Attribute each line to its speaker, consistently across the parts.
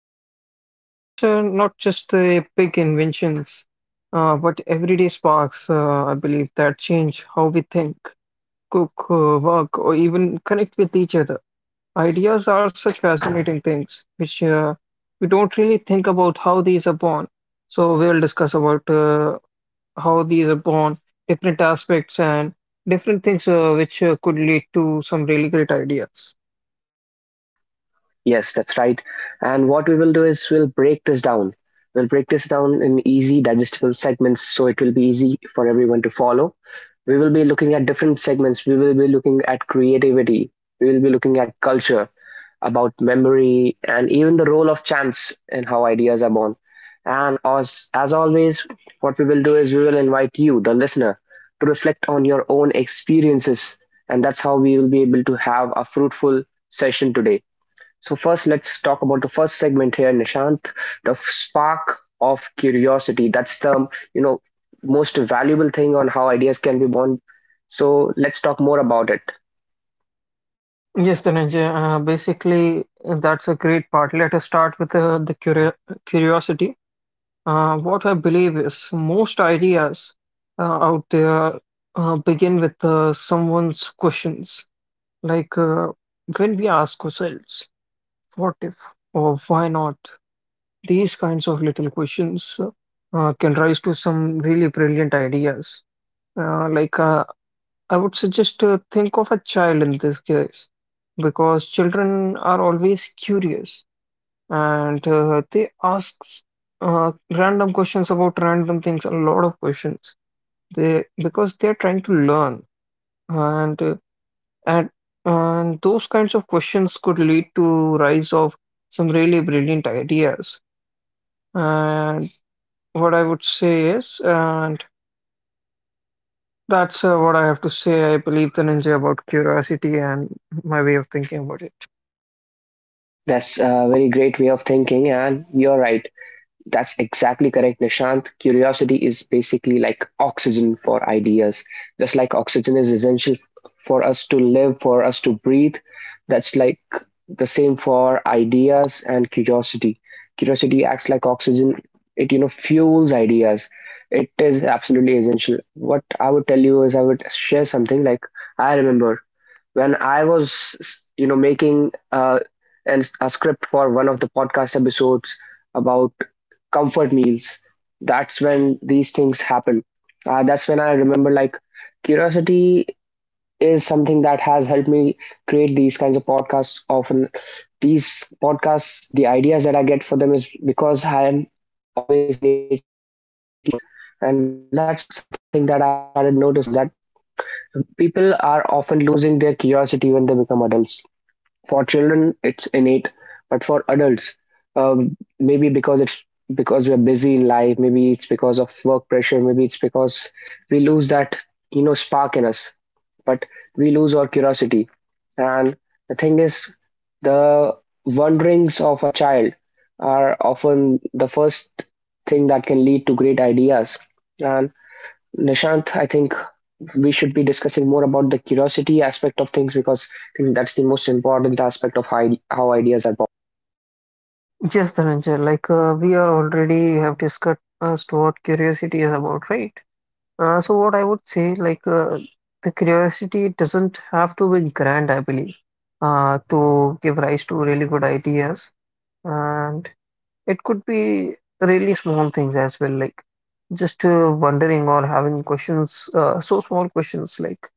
Speaker 1: And it's not just the big inventions, but everyday sparks. I believe that change how we think, cook, work, or even connect with each other. Ideas are such fascinating things, which we don't really think about how these are born. So we will discuss about how these are born, different aspects, and different things which could lead to some really great ideas.
Speaker 2: Yes, that's right. And what we will do is we'll break this down. We'll break this down in easy, digestible segments so it will be easy for everyone to follow. We will be looking at different segments. We will be looking at creativity. We will be looking at culture, about memory, and even the role of chance in how ideas are born. And as always, what we will do is we will invite you, the listener, to reflect on your own experiences. And that's how we will be able to have a fruitful session today. So first, let's talk about the first segment here, Nishant. The spark of curiosity. That's the you know most valuable thing on how ideas can be born. So let's talk more about it.
Speaker 1: Yes, Dhananjay, that's a great part. Let us start with the curiosity. What I believe is most ideas out there begin with someone's questions. Like when we ask ourselves, what if or why not? These kinds of little questions can rise to some really brilliant ideas. Uh, like uh, I would suggest think of a child in this case, because children are always curious and they ask random questions about random things, a lot of questions. They because they're trying to learn and And, and those kinds of questions could lead to rise of some really brilliant ideas. And what I would say is, and that's what I have to say. I believe the ninja about curiosity and my way of thinking about it.
Speaker 2: That's a very great way of thinking, and you're right. That's exactly correct, Nishant. Curiosity is basically like oxygen for ideas. Just like oxygen is essential for us to live, for us to breathe, that's like the same for ideas and curiosity. Curiosity acts like oxygen. It fuels ideas. It is absolutely essential. What I would tell you is I would share something like I remember when I was making a script for one of the podcast episodes about comfort meals, that's when these things happen. That's when I remember, like, curiosity is something that has helped me create these kinds of podcasts often. These podcasts, the ideas that I get for them is because I am always innately curious about things. And that's something that I have started noticing, that people are often losing their curiosity when they become adults. For children, it's innate, but for adults, maybe because it's because we're busy in life, maybe it's because of work pressure, maybe it's because we lose that spark in us, but we lose our curiosity. And the thing is, the wanderings of a child are often the first thing that can lead to great ideas. And Nishant, I think we should be discussing more about the curiosity aspect of things because I think that's the most important aspect of how ideas are born.
Speaker 1: Yes, the ninja. Like we are already have discussed what curiosity is about, right? So what I would say, the curiosity doesn't have to be grand, I believe, to give rise to really good ideas. And it could be really small things as well, like just wondering or having questions, so small questions like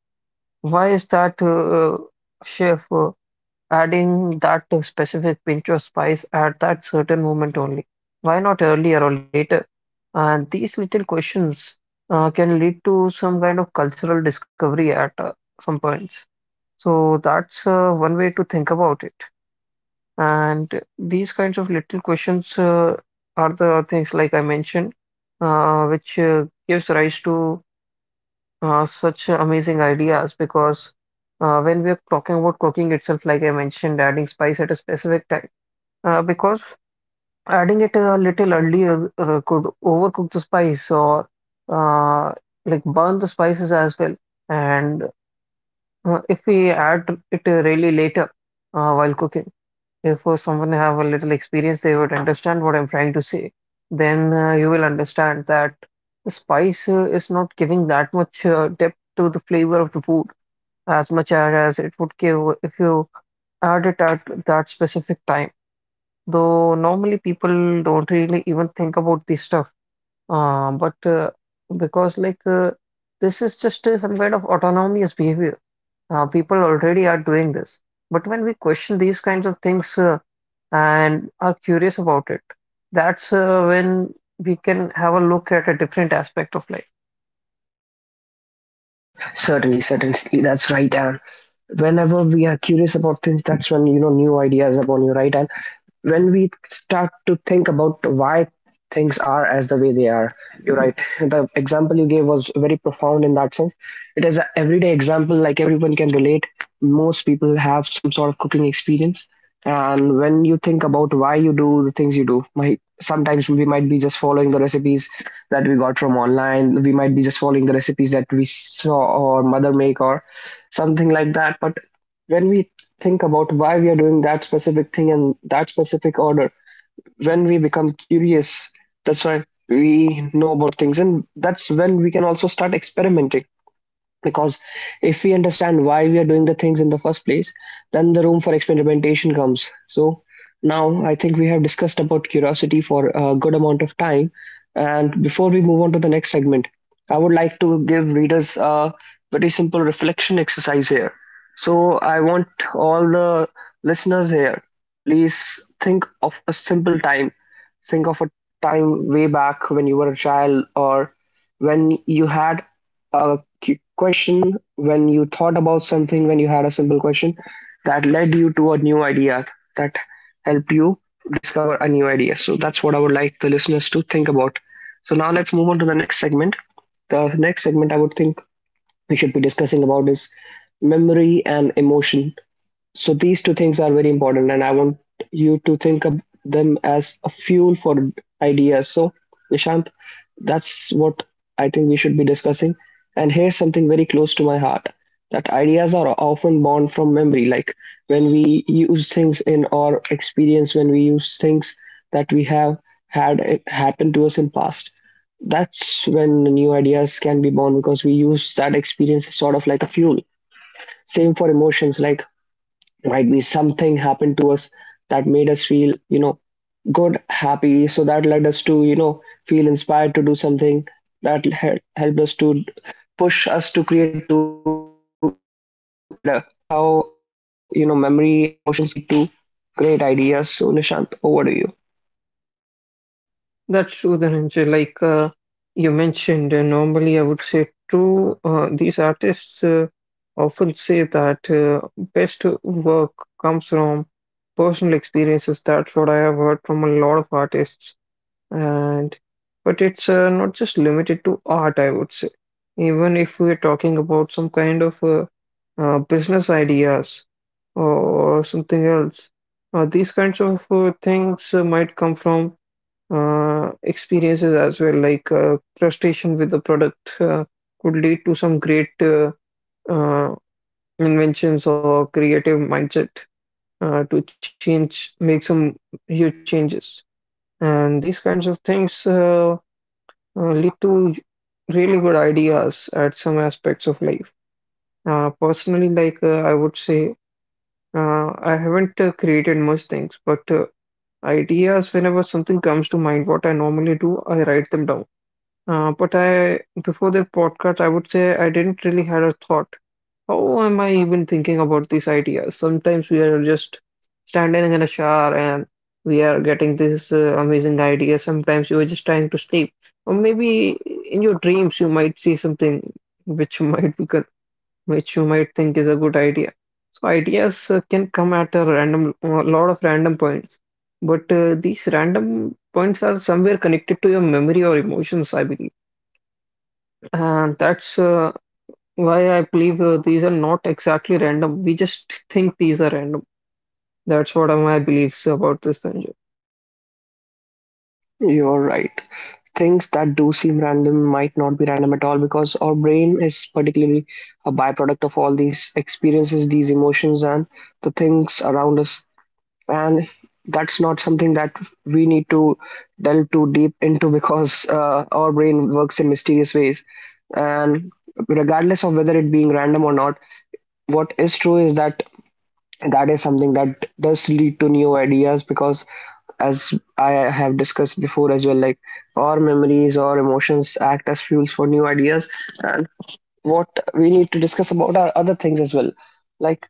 Speaker 1: why is that chef adding that specific pinch of spice at that certain moment only? Why not earlier or later? And these little questions can lead to some kind of cultural discovery at some points. So that's one way to think about it. And these kinds of little questions are the things like I mentioned, which gives rise to such amazing ideas because when we are talking about cooking itself, like I mentioned, adding spice at a specific time, because adding it a little earlier could overcook the spice or uh, like burn the spices as well. And if we add it really later while cooking if someone have a little experience, they would understand what I'm trying to say. Then you will understand that the spice is not giving that much depth to the flavor of the food as much as it would give if you add it at that specific time. Though normally people don't really even think about this stuff. But because like This is just some kind of autonomous behavior. People already are doing this. But when we question these kinds of things, and are curious about it. That's when we can have a look at a different aspect of life.
Speaker 2: Certainly, certainly, that's right. And whenever we are curious about things, that's when new ideas are born. You're right, and when we start to think about why things are as the way they are, you're right, the example you gave was very profound in that sense. It is an everyday example. Like, everyone can relate. Most people have some sort of cooking experience, and when you think about why you do the things you do, my sometimes we might be just following the recipes that we got from online. We might be just following the recipes that we saw or mother make or something like that. But when we think about why we are doing that specific thing in that specific order, when we become curious, that's why we know about things. And that's when we can also start experimenting, because if we understand why we are doing the things in the first place, then the room for experimentation comes. So now I think we have discussed about curiosity for a good amount of time, and before we move on to the next segment, I would like to give readers a very simple reflection exercise here. So I want all the listeners here, please, think of a simple time. Think of a time way back when you were a child, or when you had a question, when you thought about something, when you had a simple question that led you to a new idea, that helped you discover a new idea. So that's what I would like the listeners to think about. So now let's move on to the next segment. The next segment I would think we should be discussing about is memory and emotion. So these two things are very important, and I want you to think of them as a fuel for ideas. So, Nishant, that's what I think we should be discussing. And here's something very close to my heart, that ideas are often born from memory, like when we use things in our experience, when we use things that we have had it happen to us in past. That's when new ideas can be born, because we use that experience as sort of like a fuel. Same for emotions, like, might be something happened to us that made us feel good, happy, so that led us to feel inspired to do something that helped us to push us to create, to do something better. That's how memory and emotions can lead to great ideas. So, Nishant, over to you.
Speaker 1: That's true, Dhananjay. You mentioned, normally I would say true. These artists often say that best work comes from personal experiences. That's what I have heard from a lot of artists. And but it's not just limited to art, I would say. Even if we're talking about some kind of business ideas or something else, these kinds of things might come from experiences as well. Like frustration with the product could lead to some great uh, inventions or creative mindset to change, make some huge changes. And these kinds of things. Lead to really good ideas at some aspects of life. Personally, I would say, I haven't created much things, but ideas, whenever something comes to mind, what I normally do, I write them down. But before the podcast, I would say I didn't really had a thought. How am I even thinking about these ideas? Sometimes we are just standing in a shower and we are getting these amazing ideas. Sometimes you are just trying to sleep, or maybe in your dreams you might see something which you might be, con- which you might think is a good idea. So ideas can come at a random, a lot of random points, but these random points are somewhere connected to your memory or emotions, I believe. And that's why I believe these are not exactly random. We just think these are random. That's what are my beliefs about this thing.
Speaker 2: You're right, things that do seem random might not be random at all, because our brain is particularly a byproduct of all these experiences, these emotions, and the things around us, and that's not something that we need to delve too deep into because our brain works in mysterious ways. And regardless of whether it being random or not, what is true is that that is something that does lead to new ideas, because as I have discussed before as well, like, our memories or emotions act as fuels for new ideas. And what we need to discuss about are other things as well, like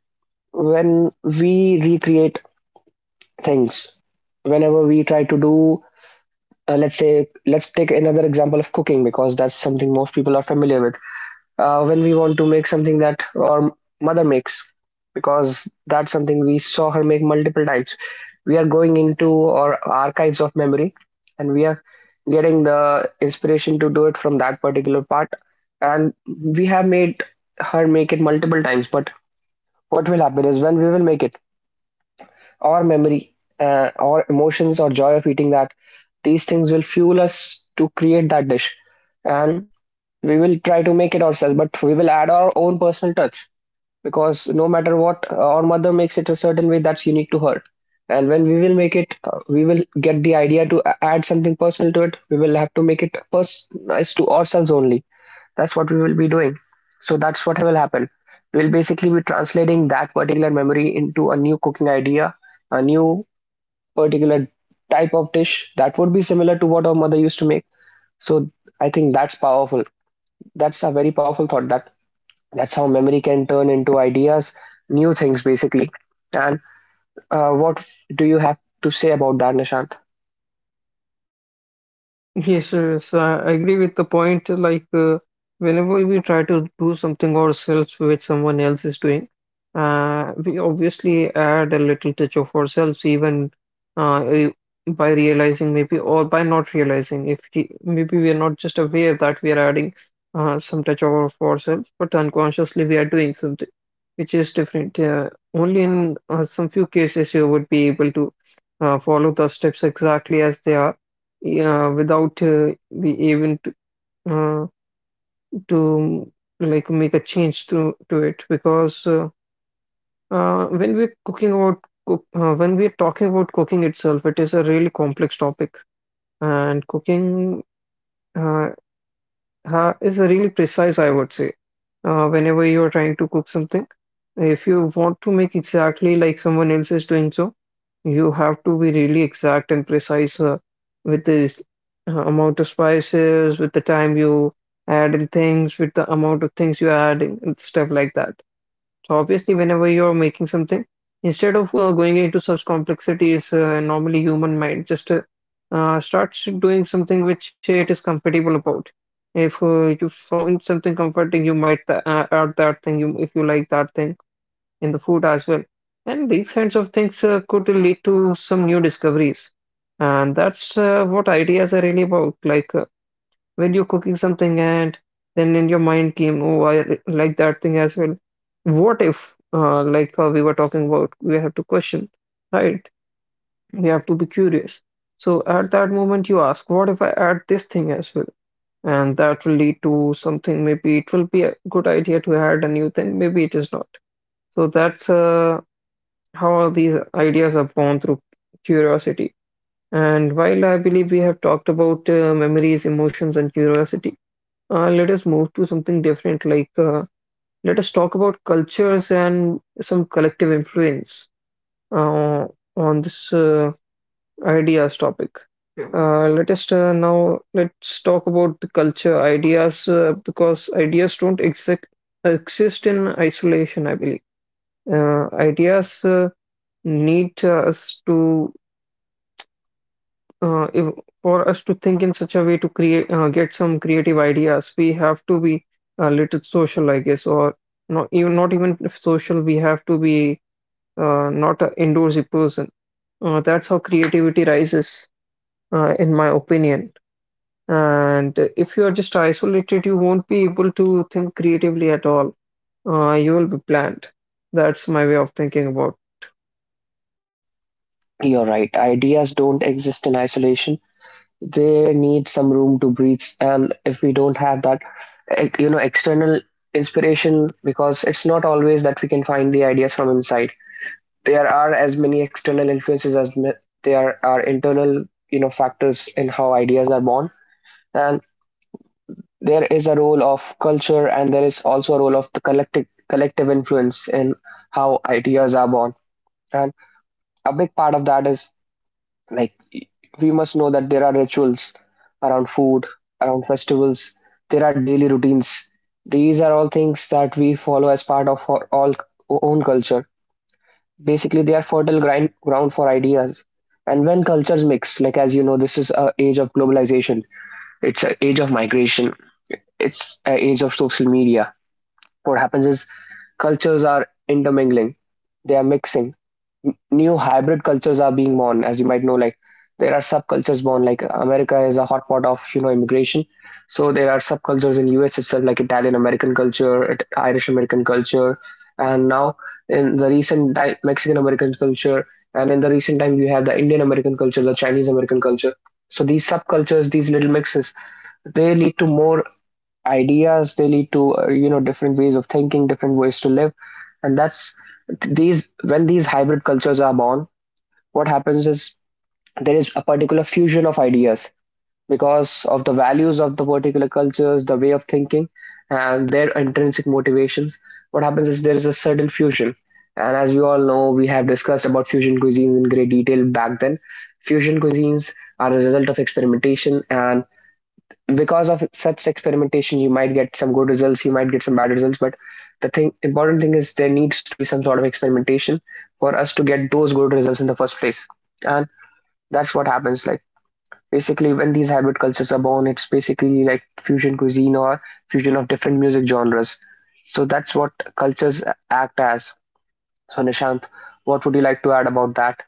Speaker 2: when we recreate things, whenever we try to do, let's say, let's take another example of cooking, because that's something most people are familiar with. When we want to make something that our mother makes, because that's something we saw her make multiple times, we are going into our archives of memory, and we are getting the inspiration to do it from that particular part. And we have made her make it multiple times, but what will happen is when we will make it, or memory, or emotions, or joy of eating that, these things will fuel us to create that dish. And we will try to make it ourselves, but we will add our own personal touch, because no matter what, our mother makes it a certain way that's unique to her. And when we will make it, we will get the idea to add something personal to it. We will have to make it personalized to ourselves only, that's what we will be doing. So that's what will happen. We'll basically be translating that particular memory into a new cooking idea, a new particular type of dish that would be similar to what our mother used to make. So I think that's powerful. That's a very powerful thought. That's how memory can turn into ideas, new things basically. And what do you have to say about that, Nishant?
Speaker 1: Yes, yes, I agree with the point. Whenever we try to do something ourselves which someone else is doing, we obviously add a little touch of ourselves, even uh, eh, by realizing maybe or by not realizing. If he, Maybe we are not just aware that we are adding some touch of ourselves, but unconsciously we are doing something which is different. Only in some few cases you would be able to follow the steps exactly as they are, yeah, without the even uh, to like make a change to it because when we're talking about cooking itself, it is a really complex topic and cooking uh, is really precise, I would say. Whenever you're trying to cook something, if you want to make exactly like someone else is doing so, you have to be really exact and precise with this amount of spices, with the time you add in things, with the amount of things you add in, and stuff like that. So obviously, whenever you're making something, instead of going into such complexities, normally human mind just starts doing something which it is comfortable about. If you found something comforting, you might add that thing. You, if you like that thing in the food as well, and these kinds of things could lead to some new discoveries. And that's what ideas are really about. When you're cooking something and then in your mind came, oh, I like that thing as well. What if, like how we were talking about, we have to question, right? We have to be curious. So at that moment, you ask, what if I add this thing as well? And that will lead to something. Maybe it will be a good idea to add a new thing. Maybe it is not. So that's how these ideas are born through curiosity. And while I believe we have talked about memories, emotions, and curiosity, let us move to something different. Let us talk about cultures and some collective influence uh, on this ideas topic. Let us Now let's talk about the culture ideas because ideas don't exist exist in isolation. I believe ideas need us to if, for us to think in such a way to create get some creative ideas, we have to be a little social, I guess, or not even if social, we have to be not an indoorsy person. That's how creativity rises, in my opinion. And if you are just isolated, you won't be able to think creatively at all. You will be bland. That's my way of thinking about.
Speaker 2: You're right. Ideas don't exist in isolation. They need some room to breathe. And if we don't have that, external inspiration, because it's not always that we can find the ideas from inside. There are as many external influences as there are internal factors in how ideas are born. And there is a role of culture, and there is also a role of the collective influence in how ideas are born. And a big part of that is, like, we must know that there are rituals around food, around festivals, there are daily routines. These are all things that we follow as part of our all own culture. Basically, they are fertile ground for ideas. And when cultures mix, like, as you know, this is a age of globalization, it's an age of migration, it's an age of social media. What happens is, cultures are intermingling, they are mixing. New hybrid cultures are being born, as you might know. Like, there are subcultures born, like America is a hotspot of immigration. So there are subcultures in US itself, like Italian American culture, Irish American culture, and now in the recent Mexican American culture. And in the recent time you have the Indian American culture, the Chinese American culture. So these subcultures, these little mixes, they lead to more ideas. They lead to different ways of thinking, different ways to live. And that's these when these hybrid cultures are born, what happens is there is a particular fusion of ideas, because of the values of the particular cultures, the way of thinking, and their intrinsic motivations. What happens is there is a certain fusion. And as we all know, we have discussed about fusion cuisines in great detail back then. Fusion cuisines are a result of experimentation, and because of such experimentation You might get some good results, you might get some bad results, but the thing important thing is there needs to be some sort of experimentation for us to get those good results in the first place. And that's what happens, basically when these hybrid cultures are born, it's basically like fusion cuisine or fusion of different music genres. So that's what cultures act as. So Nishant, what would you like to add about that?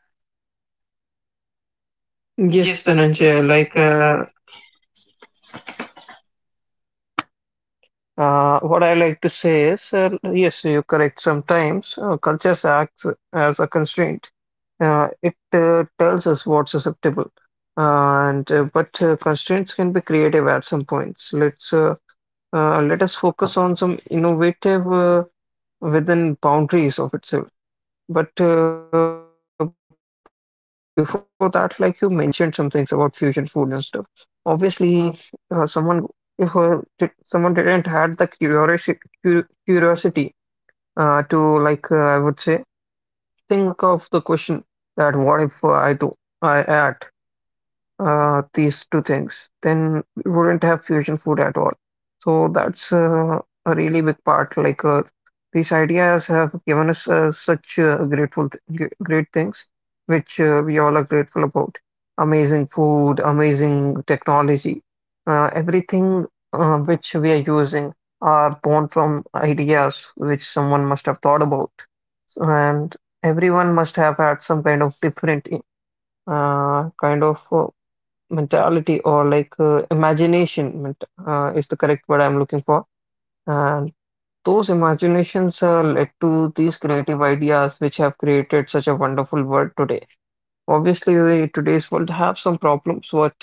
Speaker 2: Yes,
Speaker 1: Yes, Dhananjay,
Speaker 2: Dhananjay, like
Speaker 1: what I like to say is, yes, you correct. Sometimes culture acts as a constraint. It tells us what's acceptable, and but constraints can be creative at some points. Let us focus on some innovative within boundaries of itself. But before that, like you mentioned some things about fusion food and stuff. Obviously, someone if did, someone didn't had the curiosity, curiosity to I would say think of the question that what if I add these two things, then we wouldn't have fusion food at all. So that's a really big part. These ideas have given us such great things, which we all are grateful about. Amazing food, amazing technology, everything which we are using are born from ideas which someone must have thought about, so and everyone must have had some kind of different kind of mentality or like imagination is the correct word I'm looking for. And those imaginations led to these creative ideas which have created such a wonderful world today. Obviously, today's world have some problems, but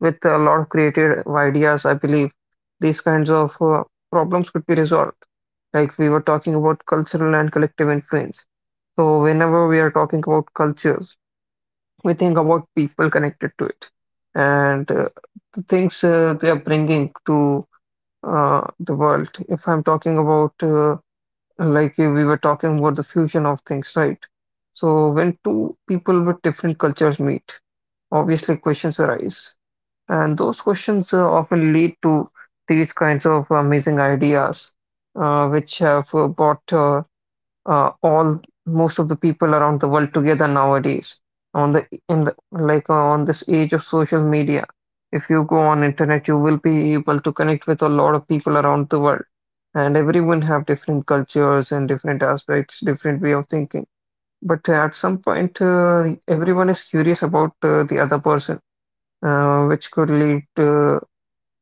Speaker 1: with a lot of creative ideas, I believe these kinds of problems could be resolved. Like we were talking about cultural and collective influence. So whenever we are talking about cultures, we think about people connected to it and the things they are bringing to the world. If I'm talking about, like we were talking about the fusion of things, right? So when two people with different cultures meet, obviously questions arise, and those questions often lead to these kinds of amazing ideas, which have brought all most of the people around the world together nowadays on the in the like on this age of social media. If you go on internet, you will be able to connect with a lot of people around the world, and everyone have different cultures and different aspects, different way of thinking, but at some point everyone is curious about the other person, which could lead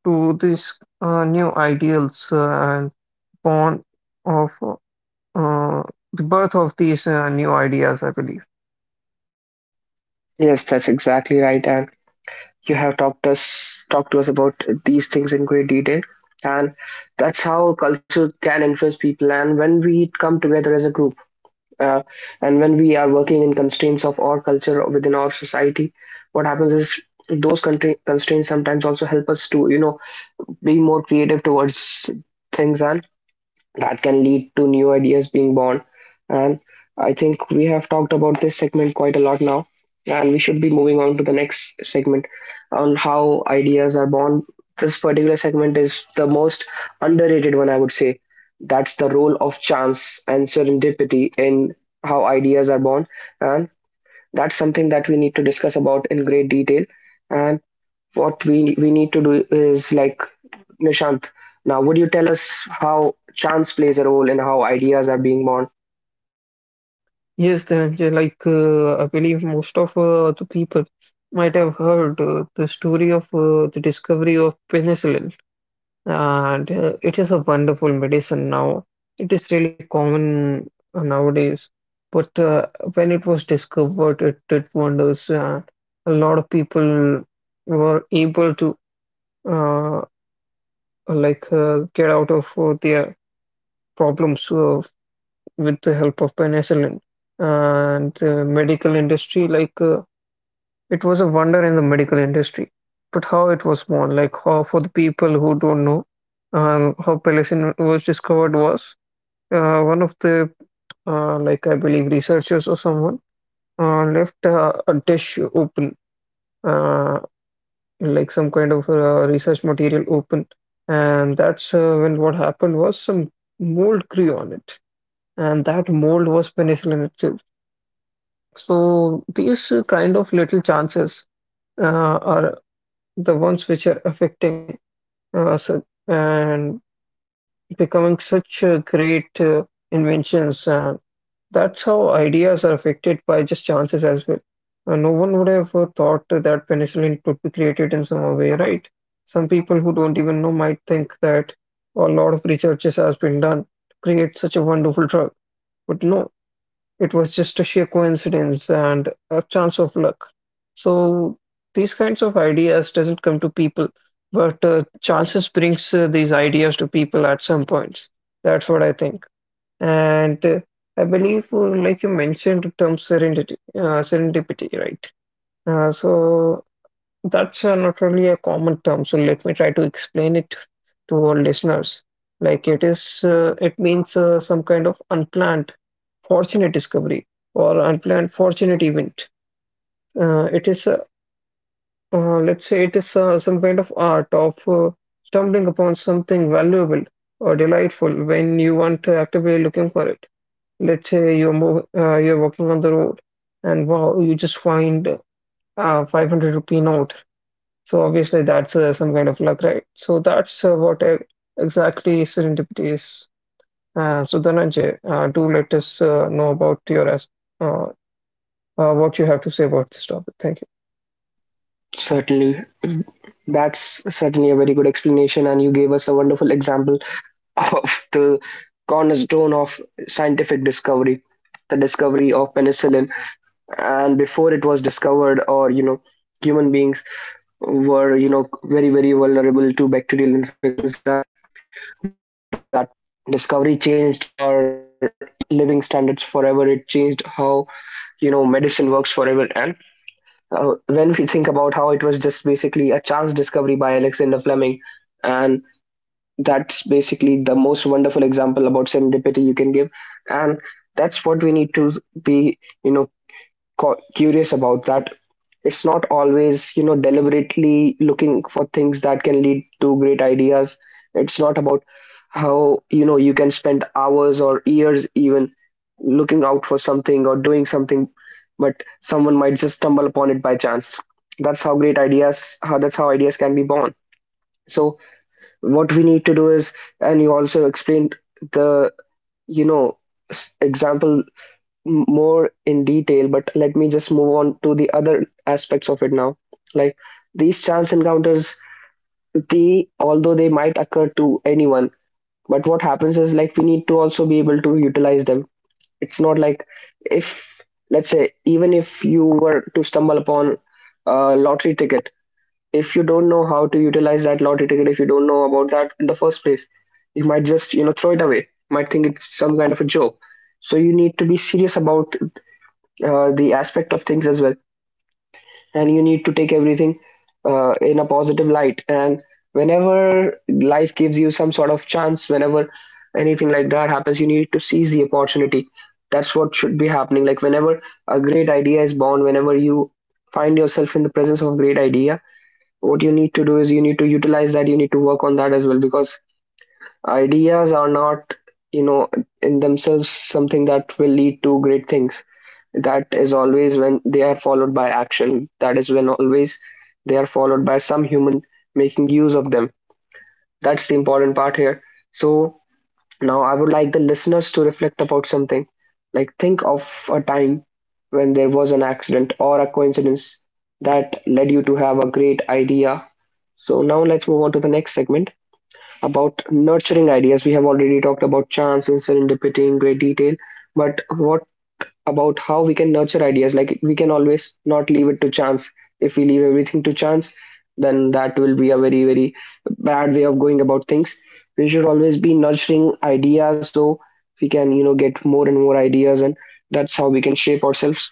Speaker 1: to these new ideals, and born of uh, the birth of these new ideas, I believe.
Speaker 2: Yes, that's exactly right, and you have talked to us about these things in great detail. And that's how culture can influence people, and when we come together as a group, uh, and when we are working in constraints of our culture within our society, what happens is those constraints sometimes also help us to, you know, be more creative towards things, and that can lead to new ideas being born. And I think we have talked about this segment quite a lot now, and we should be moving on to the next segment on how ideas are born. This particular segment is the most underrated one, I would say. That's the role of chance and serendipity in how ideas are born, and that's something that we need to discuss about in great detail. And what we need to do is, like, Nishant, now would you tell us how chance plays a role in how ideas are being born?
Speaker 1: Yes, then I believe most of the people might have heard the story of the discovery of penicillin, and it is a wonderful medicine now. It is really common nowadays, but when it was discovered, it did wonders. A lot of people were able to uh, get out of their problems with the help of penicillin, and the medical industry, it was a wonder in the medical industry. But how it was born, like how, for the people who don't know, how penicillin was discovered was one of the I believe researchers or someone left a dish open, uh, some kind of research material open, and that's when what happened was some mold grew on it, and that mold was penicillin itself. So these kind of little chances are the ones which are affecting us, and becoming such great inventions. That's how ideas are affected by just chances as well. No one would have thought that penicillin could be created in some way, right? Some people who don't even know might think that a lot of researches has been done to create such a wonderful drug, but no. It was just a sheer coincidence and a chance of luck. So these kinds of ideas doesn't come to people, but chances brings these ideas to people at some points. That's what I think. And I believe, like you mentioned, the term serendipity, serendipity, right? So that's not really a common term. So let me try to explain it to our listeners. Like it means some kind of unplanned fortunate discovery or unplanned fortunate event. Uh, it is, a, let's say, it is some kind of art of stumbling upon something valuable or delightful when you aren't actively looking for it. Let's say you're walking on the road, and wow, you just find a 500 rupee note. So obviously that's some kind of luck, right? So that's what exactly serendipity is. So Dhananjay, do let us know about your uh, what you have to say about this topic. Thank
Speaker 2: Certainly. That's certainly a very good explanation, and you gave us a wonderful example of the cornerstone of scientific discovery, the discovery of penicillin. And before it was discovered, or, you know, human beings were, you know, very, very vulnerable to bacterial infections, and that discovery changed, or, you know, living standards forever. It changed how, you know, medicine works forever. And when we think about how it was just basically a chance discovery by Alexander Fleming, and that's basically the most wonderful example about serendipity you can give, and that's what we need to be, you know, curious about. That it's not always, you know, deliberately looking for things that can lead to great ideas. It's not about how, you know, you can spend hours or years even looking out for something or doing something, but someone might just stumble upon it by chance. That's how great ideas, how that's how ideas can be born. So what we need to do is, and you also explained the, you know, example, more in detail, but let me just move on to the other aspects of it now. Like, these chance encounters, they, although they might occur to anyone, but what happens is, like, we need to also be able to utilize them. It's not like, if, let's say even if you were to stumble upon a lottery ticket, if you don't know how to utilize that lottery ticket, if you don't know about that in the first place, you might just, you know, throw it away. Might think it's some kind of a joke. So you need to be serious about the aspect of things as well, and you need to take everything in a positive light, and whenever life gives you some sort of chance, whenever anything like that happens, you need to seize the opportunity. That's what should be happening. Like, whenever a great idea is born, whenever you find yourself in the presence of a great idea, what you need to do is you need to utilize that, you need to work on that as well, because ideas are not, you know, in themselves something that will lead to great things. That is always when they are followed by action. That is when always they are followed by some human making use of them. That's the important part here. So now I would like the listeners to reflect about something. Like, think of a time when there was an accident or a coincidence that led you to have a great idea. So now let's move on to the next segment about nurturing ideas. We have already talked about chance and serendipity in great detail, but what about how we can nurture ideas? Like, we can always not leave it to chance. If we leave everything to chance, then that will be a very, very bad way of going about things. We should always be nurturing ideas so we can, you know, get more and more ideas, and that's how we can shape ourselves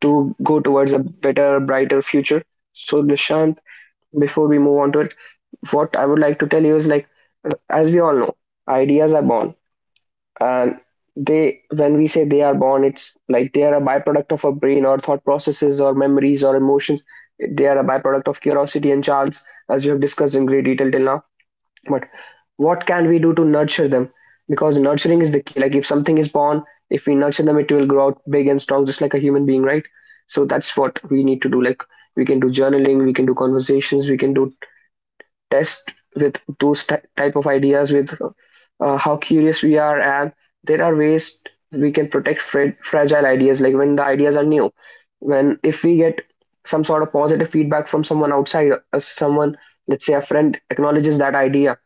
Speaker 2: to go towards a better, brighter future. So, Nishant, before we move on to our, what I would like to tell you is, like, as we all know, ideas are born, and they, when we say they are born, it's like they are a byproduct of our brain or thought processes or memories or emotions. They are a byproduct of curiosity and chance, as we have discussed in great detail till now. But what can we do to nurture them? Because nurturing is the key. Like, if something is born, if we nurture them, it will grow out big and strong, just like a human being, right? So that's what we need to do. Like, we can do journaling, we can do conversations, we can do test with those type of ideas with how curious we are, and there are ways we can protect fragile ideas. Like, when the ideas are new, when, if we get some sort of positive feedback from someone outside, someone, let's say a friend, acknowledges that idea,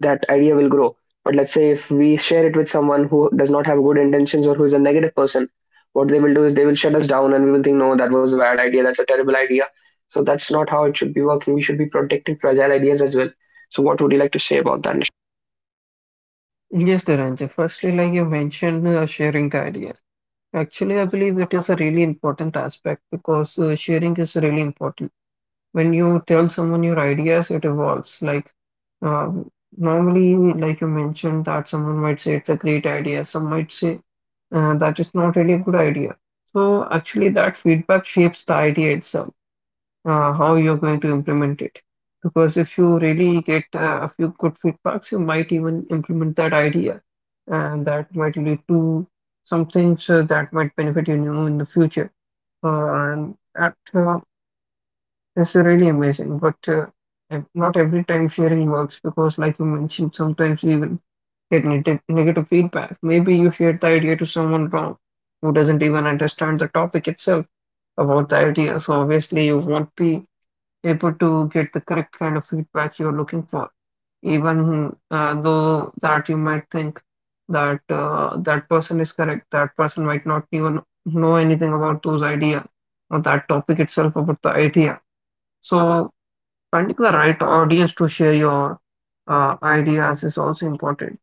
Speaker 2: that idea will grow. But let's say if we share it with someone who does not have good intentions or who is a negative person, what they will do is they will shut us down, and we will think, no, that was a bad idea, that's a terrible idea. So that's not how it should be working. We should be protecting fragile ideas as well. So what would you like to say about that?
Speaker 1: you. Yes, Dharanja. Firstly, like you mentioned, sharing the idea. Actually, I believe it is a really important aspect because sharing is really important. When you tell someone your ideas, it evolves. Like um, normally, like you mentioned, that someone might say it's a great idea. Some might say that is not really a good idea. So actually, that feedback shapes the idea itself, how you're going to implement it. Because if you really get a few good feedbacks, you might even implement that idea, and that might lead to some things that might benefit, you know, in the future. And that is really amazing. But not every time sharing works because, like you mentioned, sometimes you even get negative feedback. Maybe you shared the idea to someone wrong who doesn't even understand the topic itself about the idea. So obviously, you won't be able to get the correct kind of feedback you're looking for, even though that you might think that that person is correct, that person might not even know anything about those ideas or that topic itself about the idea. So finding the right audience to share your ideas is also important.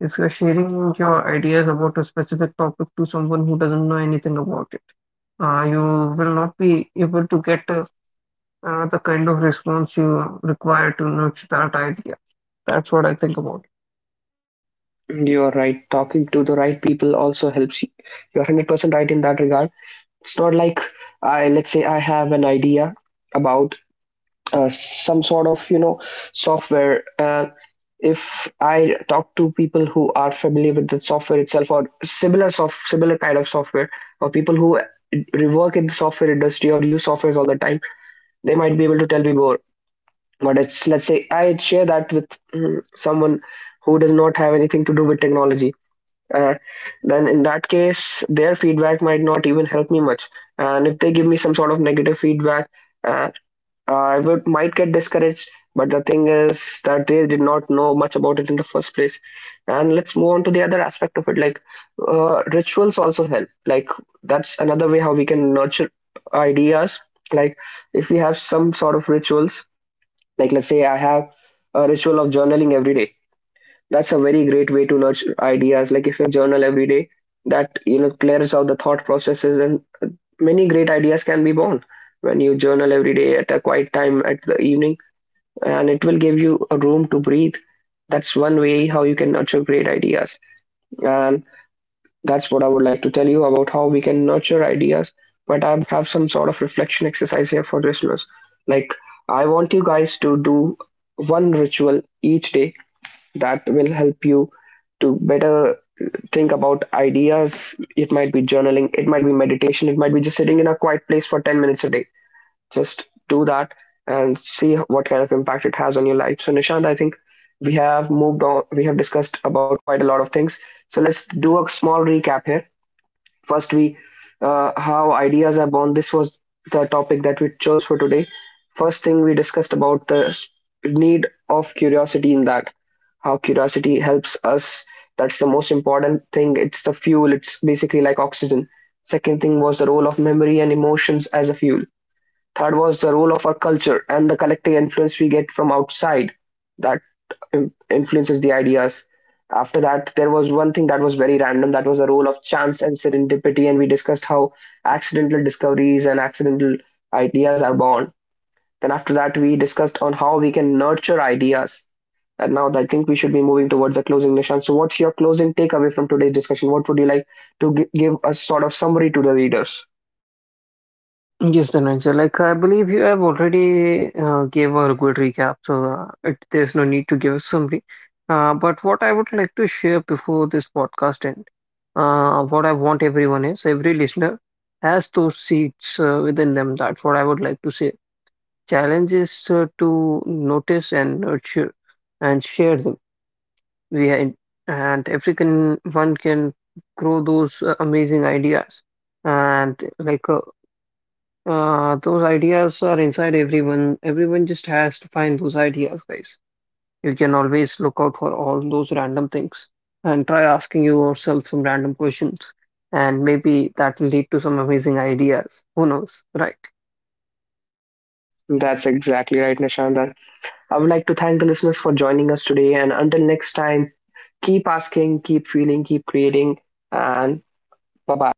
Speaker 1: If you're sharing your ideas about a specific topic to someone who doesn't know anything about it, you will not be able to get a the kind of response you require to nurture that idea. That's what I think about
Speaker 2: You are right. Talking to the right people also helps you. You're 100% right in that regard. It's not like I, let's say I have an idea about some sort of, you know, software, and if I talk to people who are familiar with the software itself or similar kind of software, or people who work in the software industry or use softwares all the time, they might be able to tell me more. But it's, let's say I share that with, someone who does not have anything to do with technology. Uh, then in that case, their feedback might not even help me much. And if they give me some sort of negative feedback, uh, I would might get discouraged, but the thing is that they did not know much about it in the first place. And let's move on to the other aspect of it, like, rituals also help. Like, that's another way how we can nurture ideas. Like, if we have some sort of rituals, like, let's say I have a ritual of journaling every day. That's a very great way to nurture ideas. Like, if you journal every day, that, you know, clears out the thought processes, and many great ideas can be born when you journal every day at a quiet time at the evening, and it will give you a room to breathe. That's one way how you can nurture great ideas, and that's what I would like to tell you about how we can nurture ideas. But I have some sort of reflection exercise here for listeners. Like, I want you guys to do one ritual each day that will help you to better think about ideas. It might be journaling, it might be meditation, it might be just sitting in a quiet place for 10 minutes a day. Just do that and see what kind of impact it has on your life. So, Nishant, I think we have moved on, we have discussed about quite a lot of things. So, let's do a small recap here. First, we, how ideas are born. This was the topic that we chose for today. First thing, we discussed about the need of curiosity in that, how curiosity helps us. That's the most important thing. It's the fuel, it's basically like oxygen. Second thing was the role of memory and emotions as a fuel. Third was the role of our culture and the collective influence we get from outside that influences the ideas. After that, there was one thing that was very random, that was the role of chance and serendipity, and we discussed how accidental discoveries and accidental ideas are born. Then, after that, we discussed on how we can nurture ideas. And now, I think we should be moving towards the closing, Nishan. So, what's your closing takeaway from today's discussion? What would you like to give a sort of summary to the readers?
Speaker 1: it. Yes, Dhananjay, like I believe you have already gave a good recap, so there's no need to give a summary. But what I would like to share before this podcast end, what I want everyone is, every listener has those seeds within them. That's what I would like to say. Challenge is to notice and nurture and share them we had, and African one can grow those amazing ideas, and those ideas are inside everyone. Everyone just has to find those ideas, guys. You can always look out for all those random things and try asking yourself some random questions, and maybe that will lead to some amazing ideas. Who knows, right?
Speaker 2: That's exactly right, Nishan. That, I would like to thank the listeners for joining us today. And until next time, keep asking, keep feeling, keep creating. And bye bye.